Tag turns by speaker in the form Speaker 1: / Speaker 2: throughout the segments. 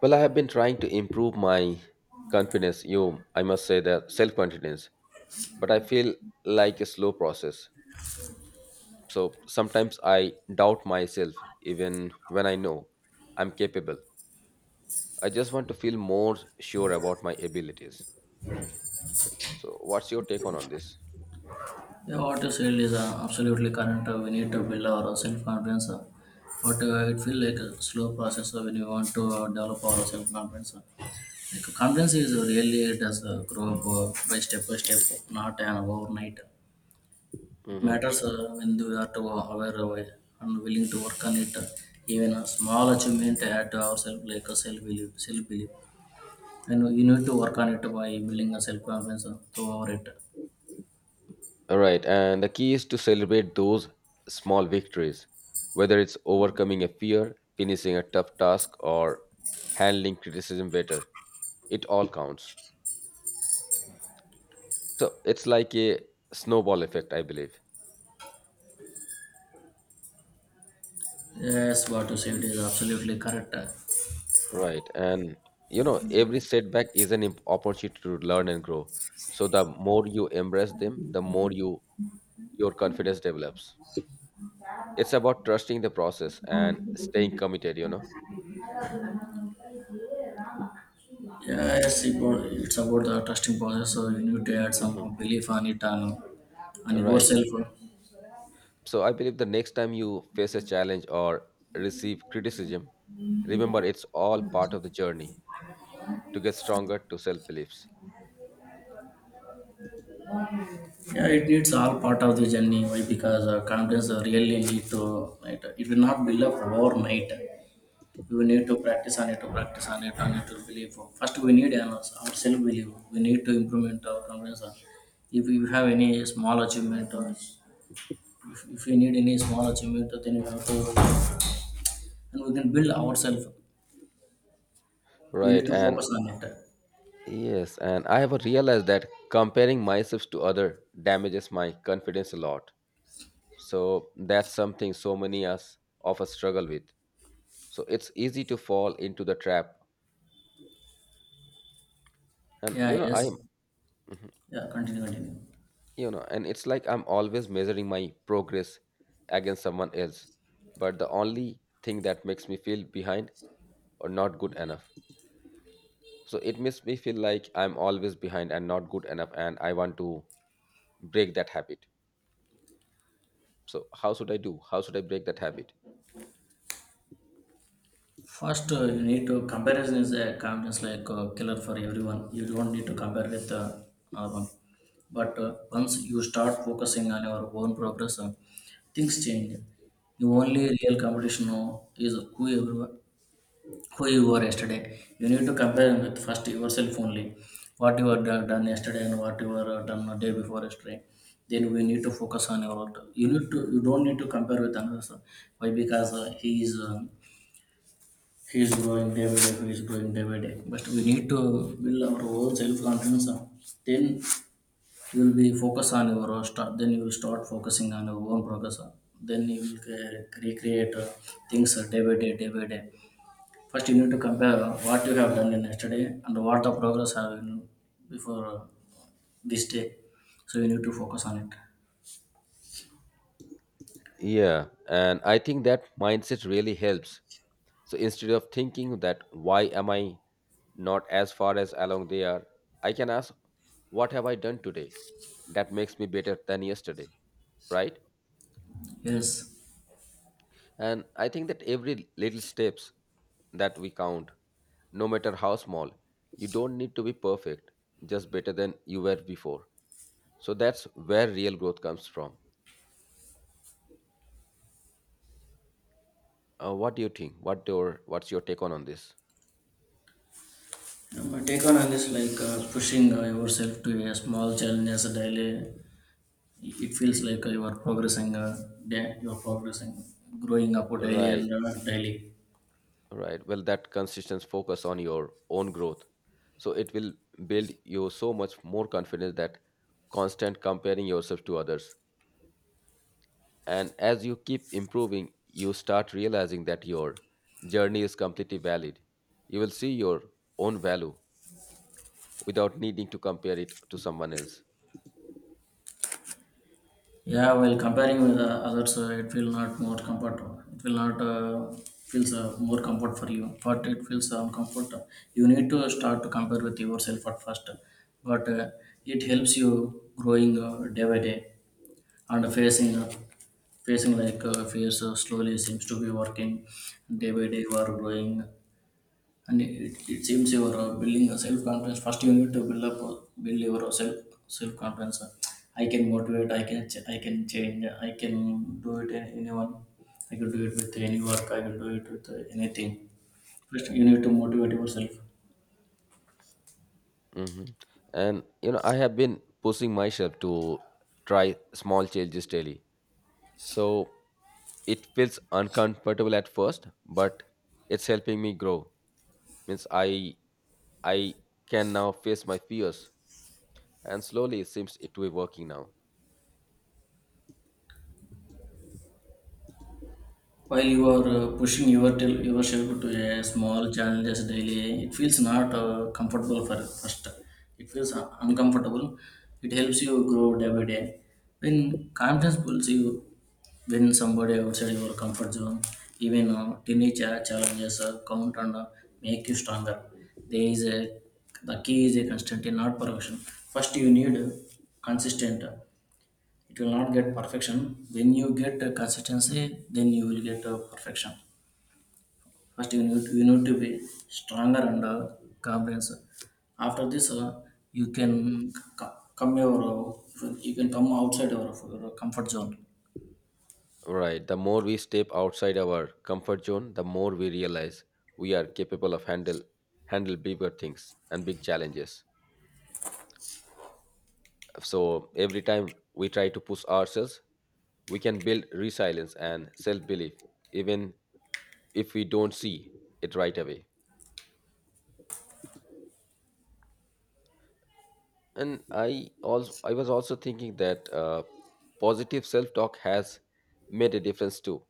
Speaker 1: Well, I have been trying to improve my confidence, you, I must say that self confidence, but I feel like a slow process. So sometimes I doubt myself even when I know I'm capable. I just want to feel more sure about my abilities. So, what's your take on this?
Speaker 2: Yeah, what you said is absolutely correct. We need to build our self-confidence, but it feels like a slow process when you want to develop our self-confidence. Like confidence is really it does grow up by step, not an overnight. It
Speaker 1: Mm-hmm.
Speaker 2: matters when you are to aware of it and willing to work on it. Even a small achievement at ourselves, like a self-belief, and you need to work on it by building a self-confidence throughout it.
Speaker 1: All right, and the key is to celebrate those small victories, whether it's overcoming a fear, finishing a tough task, or handling criticism better. It all counts. So it's like a snowball effect, I believe.
Speaker 2: Yes, what you said is absolutely correct.
Speaker 1: Right. And you know, every setback is an opportunity to learn and grow. So the more you embrace them, the more you your confidence develops. It's about trusting the process and staying committed, you know.
Speaker 2: Yeah, yes, it's about the trusting process. So you need to add
Speaker 1: Hmm.
Speaker 2: some belief on it and on
Speaker 1: Right.
Speaker 2: yourself.
Speaker 1: So I believe the next time you face a challenge or receive criticism, remember it's all part of the journey to get stronger to self beliefs.
Speaker 2: Yeah, it needs all part of the journey. Why? Because confidence really need to. It will not build up overnight. You need to practice on it, to practice on it to believe. First, we need our self belief. We need to implement our confidence. If you have any small achievement, or if you need any small achievement, then you have to, and we can build ourselves. We need
Speaker 1: Right.
Speaker 2: to
Speaker 1: And
Speaker 2: focus on it.
Speaker 1: yes, and I have realized that comparing myself to other damages my confidence a lot. So that's something so many us of us struggle with. So it's easy to fall into the trap. And you
Speaker 2: Yeah,
Speaker 1: know, I'm
Speaker 2: yes. Yeah, continue.
Speaker 1: you know, and it's like I'm always measuring my progress against someone else. But the only thing that makes me feel behind or not good enough. So it makes me feel like I'm always behind and not good enough and I want to break that habit. So how should I do? How should I break that habit?
Speaker 2: First, you need to comparison is a confidence like killer for everyone. You don't need to compare with our one. But once you start focusing on your own progress, things change. The only real competition now is who you were yesterday. You need to compare with first yourself only. What you had done yesterday and what you were done the day before yesterday. Then we need to focus on your work. You don't need to compare with another. Person. Why? Because he is growing day by day. He is growing day by day. But we need to build our own self confidence. Then you will be focus on your own start. Then you will start focusing on your own progress. Then you will recreate things day by day First, you need to compare what you have done in yesterday and what the progress have been before this day. So you need to focus on it.
Speaker 1: Yeah, and I think that mindset really helps. So instead of thinking that why am I not as far as along they are, I can ask what have I done today that makes me better than yesterday, right?
Speaker 2: Yes.
Speaker 1: And I think that every little steps that we count, no matter how small, you don't need to be perfect, just better than you were before. So that's where real growth comes from. What do you think? What your what's your take on this?
Speaker 2: My take on this like pushing yourself to a small challenges daily. It feels like you are progressing. You are progressing, growing up daily
Speaker 1: Right.
Speaker 2: and daily.
Speaker 1: Right. Well, that consistent focus on your own growth. So it will build you so much more confidence that constant comparing yourself to others. And as you keep improving, you start realizing that your journey is completely valid. You will see your own value without needing to compare it to someone else.
Speaker 2: Yeah, well, comparing with the others, it will not more comfort. It will not feels more comfort for you, but it feels comfort. You need to start to compare with yourself at first, but it helps you growing day by day and facing facing like fears slowly seems to be working day by day. You are growing and it seems you are building a self confidence. First, you need to build up, build your self confidence. I can motivate. I can change. I can do it. Anyone. I can do it with any work. I can do it with anything. First, you need to motivate yourself.
Speaker 1: Hmm. And, you know, I have been pushing myself to try small changes daily. So it feels uncomfortable at first, but it's helping me grow, means I can now face my fears and slowly it seems it to be working now.
Speaker 2: While you are pushing yourself to a small challenges daily, it feels not comfortable for first. It feels
Speaker 1: Hmm.
Speaker 2: uncomfortable. It helps you grow day by day. When confidence pulls you when somebody outside your comfort zone, even tiny challenges count and make you stronger. There is a the key is a constant, not perfection. First, you need consistent. It will not get perfection. When you get consistency, then you will get perfection. First, you need to be stronger and comprehensive. After this, you can c- come your you can come outside your comfort zone
Speaker 1: Right, the more we step outside our comfort zone, the more we realize we are capable of handle bigger things and big challenges. So every time we try to push ourselves, we can build resilience and self-belief, even if we don't see it right away. And I was also thinking that positive self talk has made a difference too.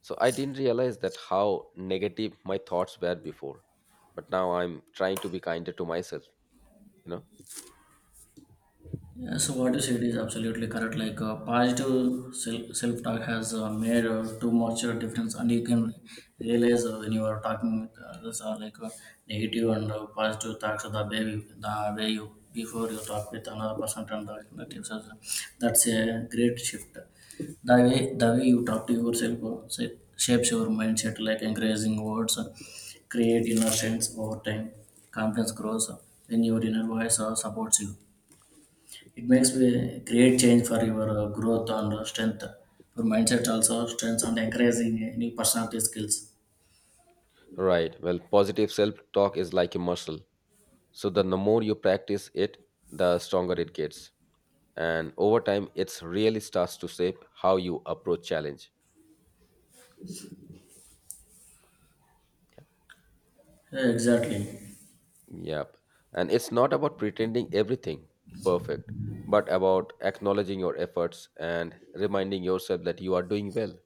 Speaker 1: So I didn't realize that how negative my thoughts were before, but now I'm trying to be kinder to myself, you know.
Speaker 2: Yeah, so what you said is absolutely correct. Like positive self talk has made too much difference, and you can realize when you are talking with others are like negative and positive thoughts. The way you before you talk with another person and the negatives, that's a great shift. The way you talk to yourself shapes your mindset. Like encouraging words create inner sense over time. Confidence grows when your inner voice supports you. It makes a great change for your growth and strength, your mindset also strength and encouraging new personality skills.
Speaker 1: Right, well, positive self talk is like a muscle. So the more you practice it, the stronger it gets, and over time it's really starts to shape how you approach challenge.
Speaker 2: Yeah, exactly.
Speaker 1: Yep. And it's not about pretending everything perfect, but about acknowledging your efforts and reminding yourself that you are doing well,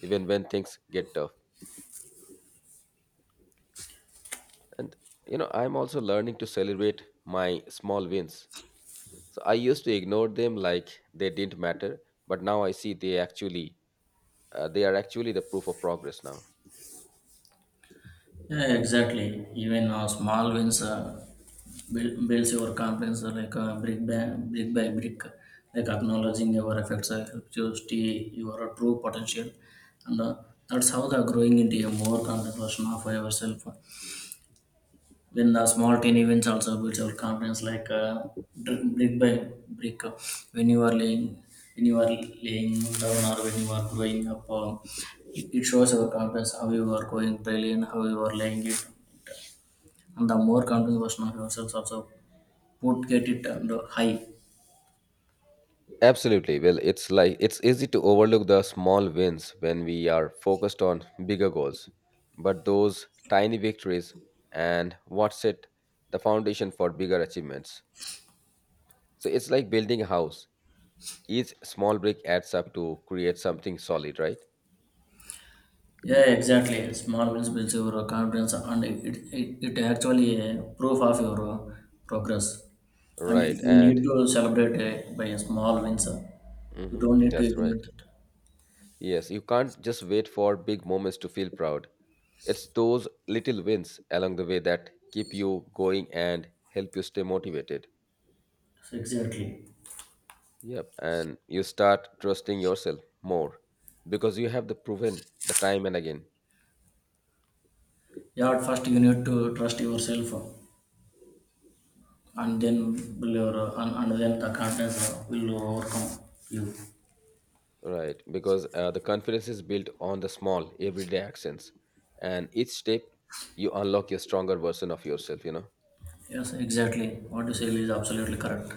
Speaker 1: even when things get tough. And, you know, I'm also learning to celebrate my small wins. So I used to ignore them like they didn't matter, but now I see they actually, they are actually the proof of progress now.
Speaker 2: Yeah, exactly. Even small wins builds your confidence like brick by brick by brick. Like acknowledging your effects helps you see your true potential, and that's how the growing into a more confident version of yourself. Then the small teeny events also builds our confidence like brick by brick. When you are laying, when you are laying down or when you are growing up, it shows our confidence how you are going brilliant, how you are laying it, and the more confident version of yourself also put get it and high.
Speaker 1: Absolutely. Well, it's like it's easy to overlook the small wins when we are focused on bigger goals. But those tiny victories and what set the foundation for bigger achievements. So it's like building a house. Each small brick adds up to create something solid, right?
Speaker 2: Yeah, exactly. Small wins builds your confidence, and it actually a proof of your progress. And
Speaker 1: Right.
Speaker 2: you
Speaker 1: And
Speaker 2: need to celebrate by a small wins. You
Speaker 1: mhm,
Speaker 2: don't need to
Speaker 1: that's right.
Speaker 2: ignore it.
Speaker 1: Yes, you can't just wait for big moments to feel proud. It's those little wins along the way that keep you going and help you stay motivated.
Speaker 2: Exactly.
Speaker 1: Yep, and you start trusting yourself more because you have the proven the time and again,
Speaker 2: Yeah, at first you need to trust yourself, and then the confidence will overcome you.
Speaker 1: right? Because the confidence is built on the small everyday actions, and each step you unlock your stronger version of yourself. You know,
Speaker 2: Yes, exactly. What you say is absolutely correct.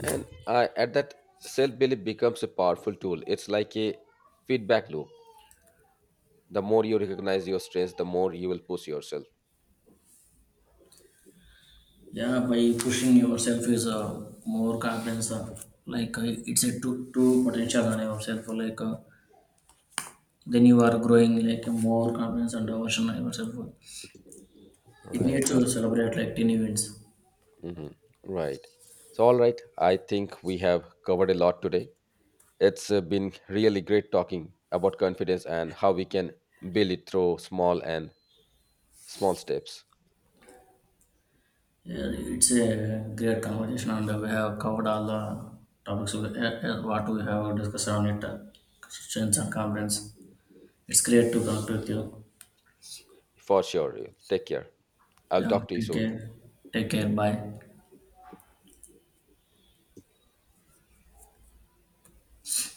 Speaker 1: and I at that self belief becomes a powerful tool. It's like a feedback loop. The more you recognize your strengths, the more you will push yourself.
Speaker 2: Yeah, by pushing yourself is a more confidence. It's a two potential on yourself. Like then you are growing like more confidence and version on yourself. It
Speaker 1: Right.
Speaker 2: needs
Speaker 1: Well.
Speaker 2: to celebrate like teen events.
Speaker 1: Hmm. Right. So all right, I think we have covered a lot today. It's been really great talking about confidence and how we can build it through small steps.
Speaker 2: Yeah, it's a great conversation, and we have covered all the topics of, what we have discussed on it. Strengths and confidence. It's great to talk with you.
Speaker 1: For sure. Take care. I'll
Speaker 2: Yeah,
Speaker 1: talk to you
Speaker 2: take
Speaker 1: soon.
Speaker 2: care. Take care. Bye.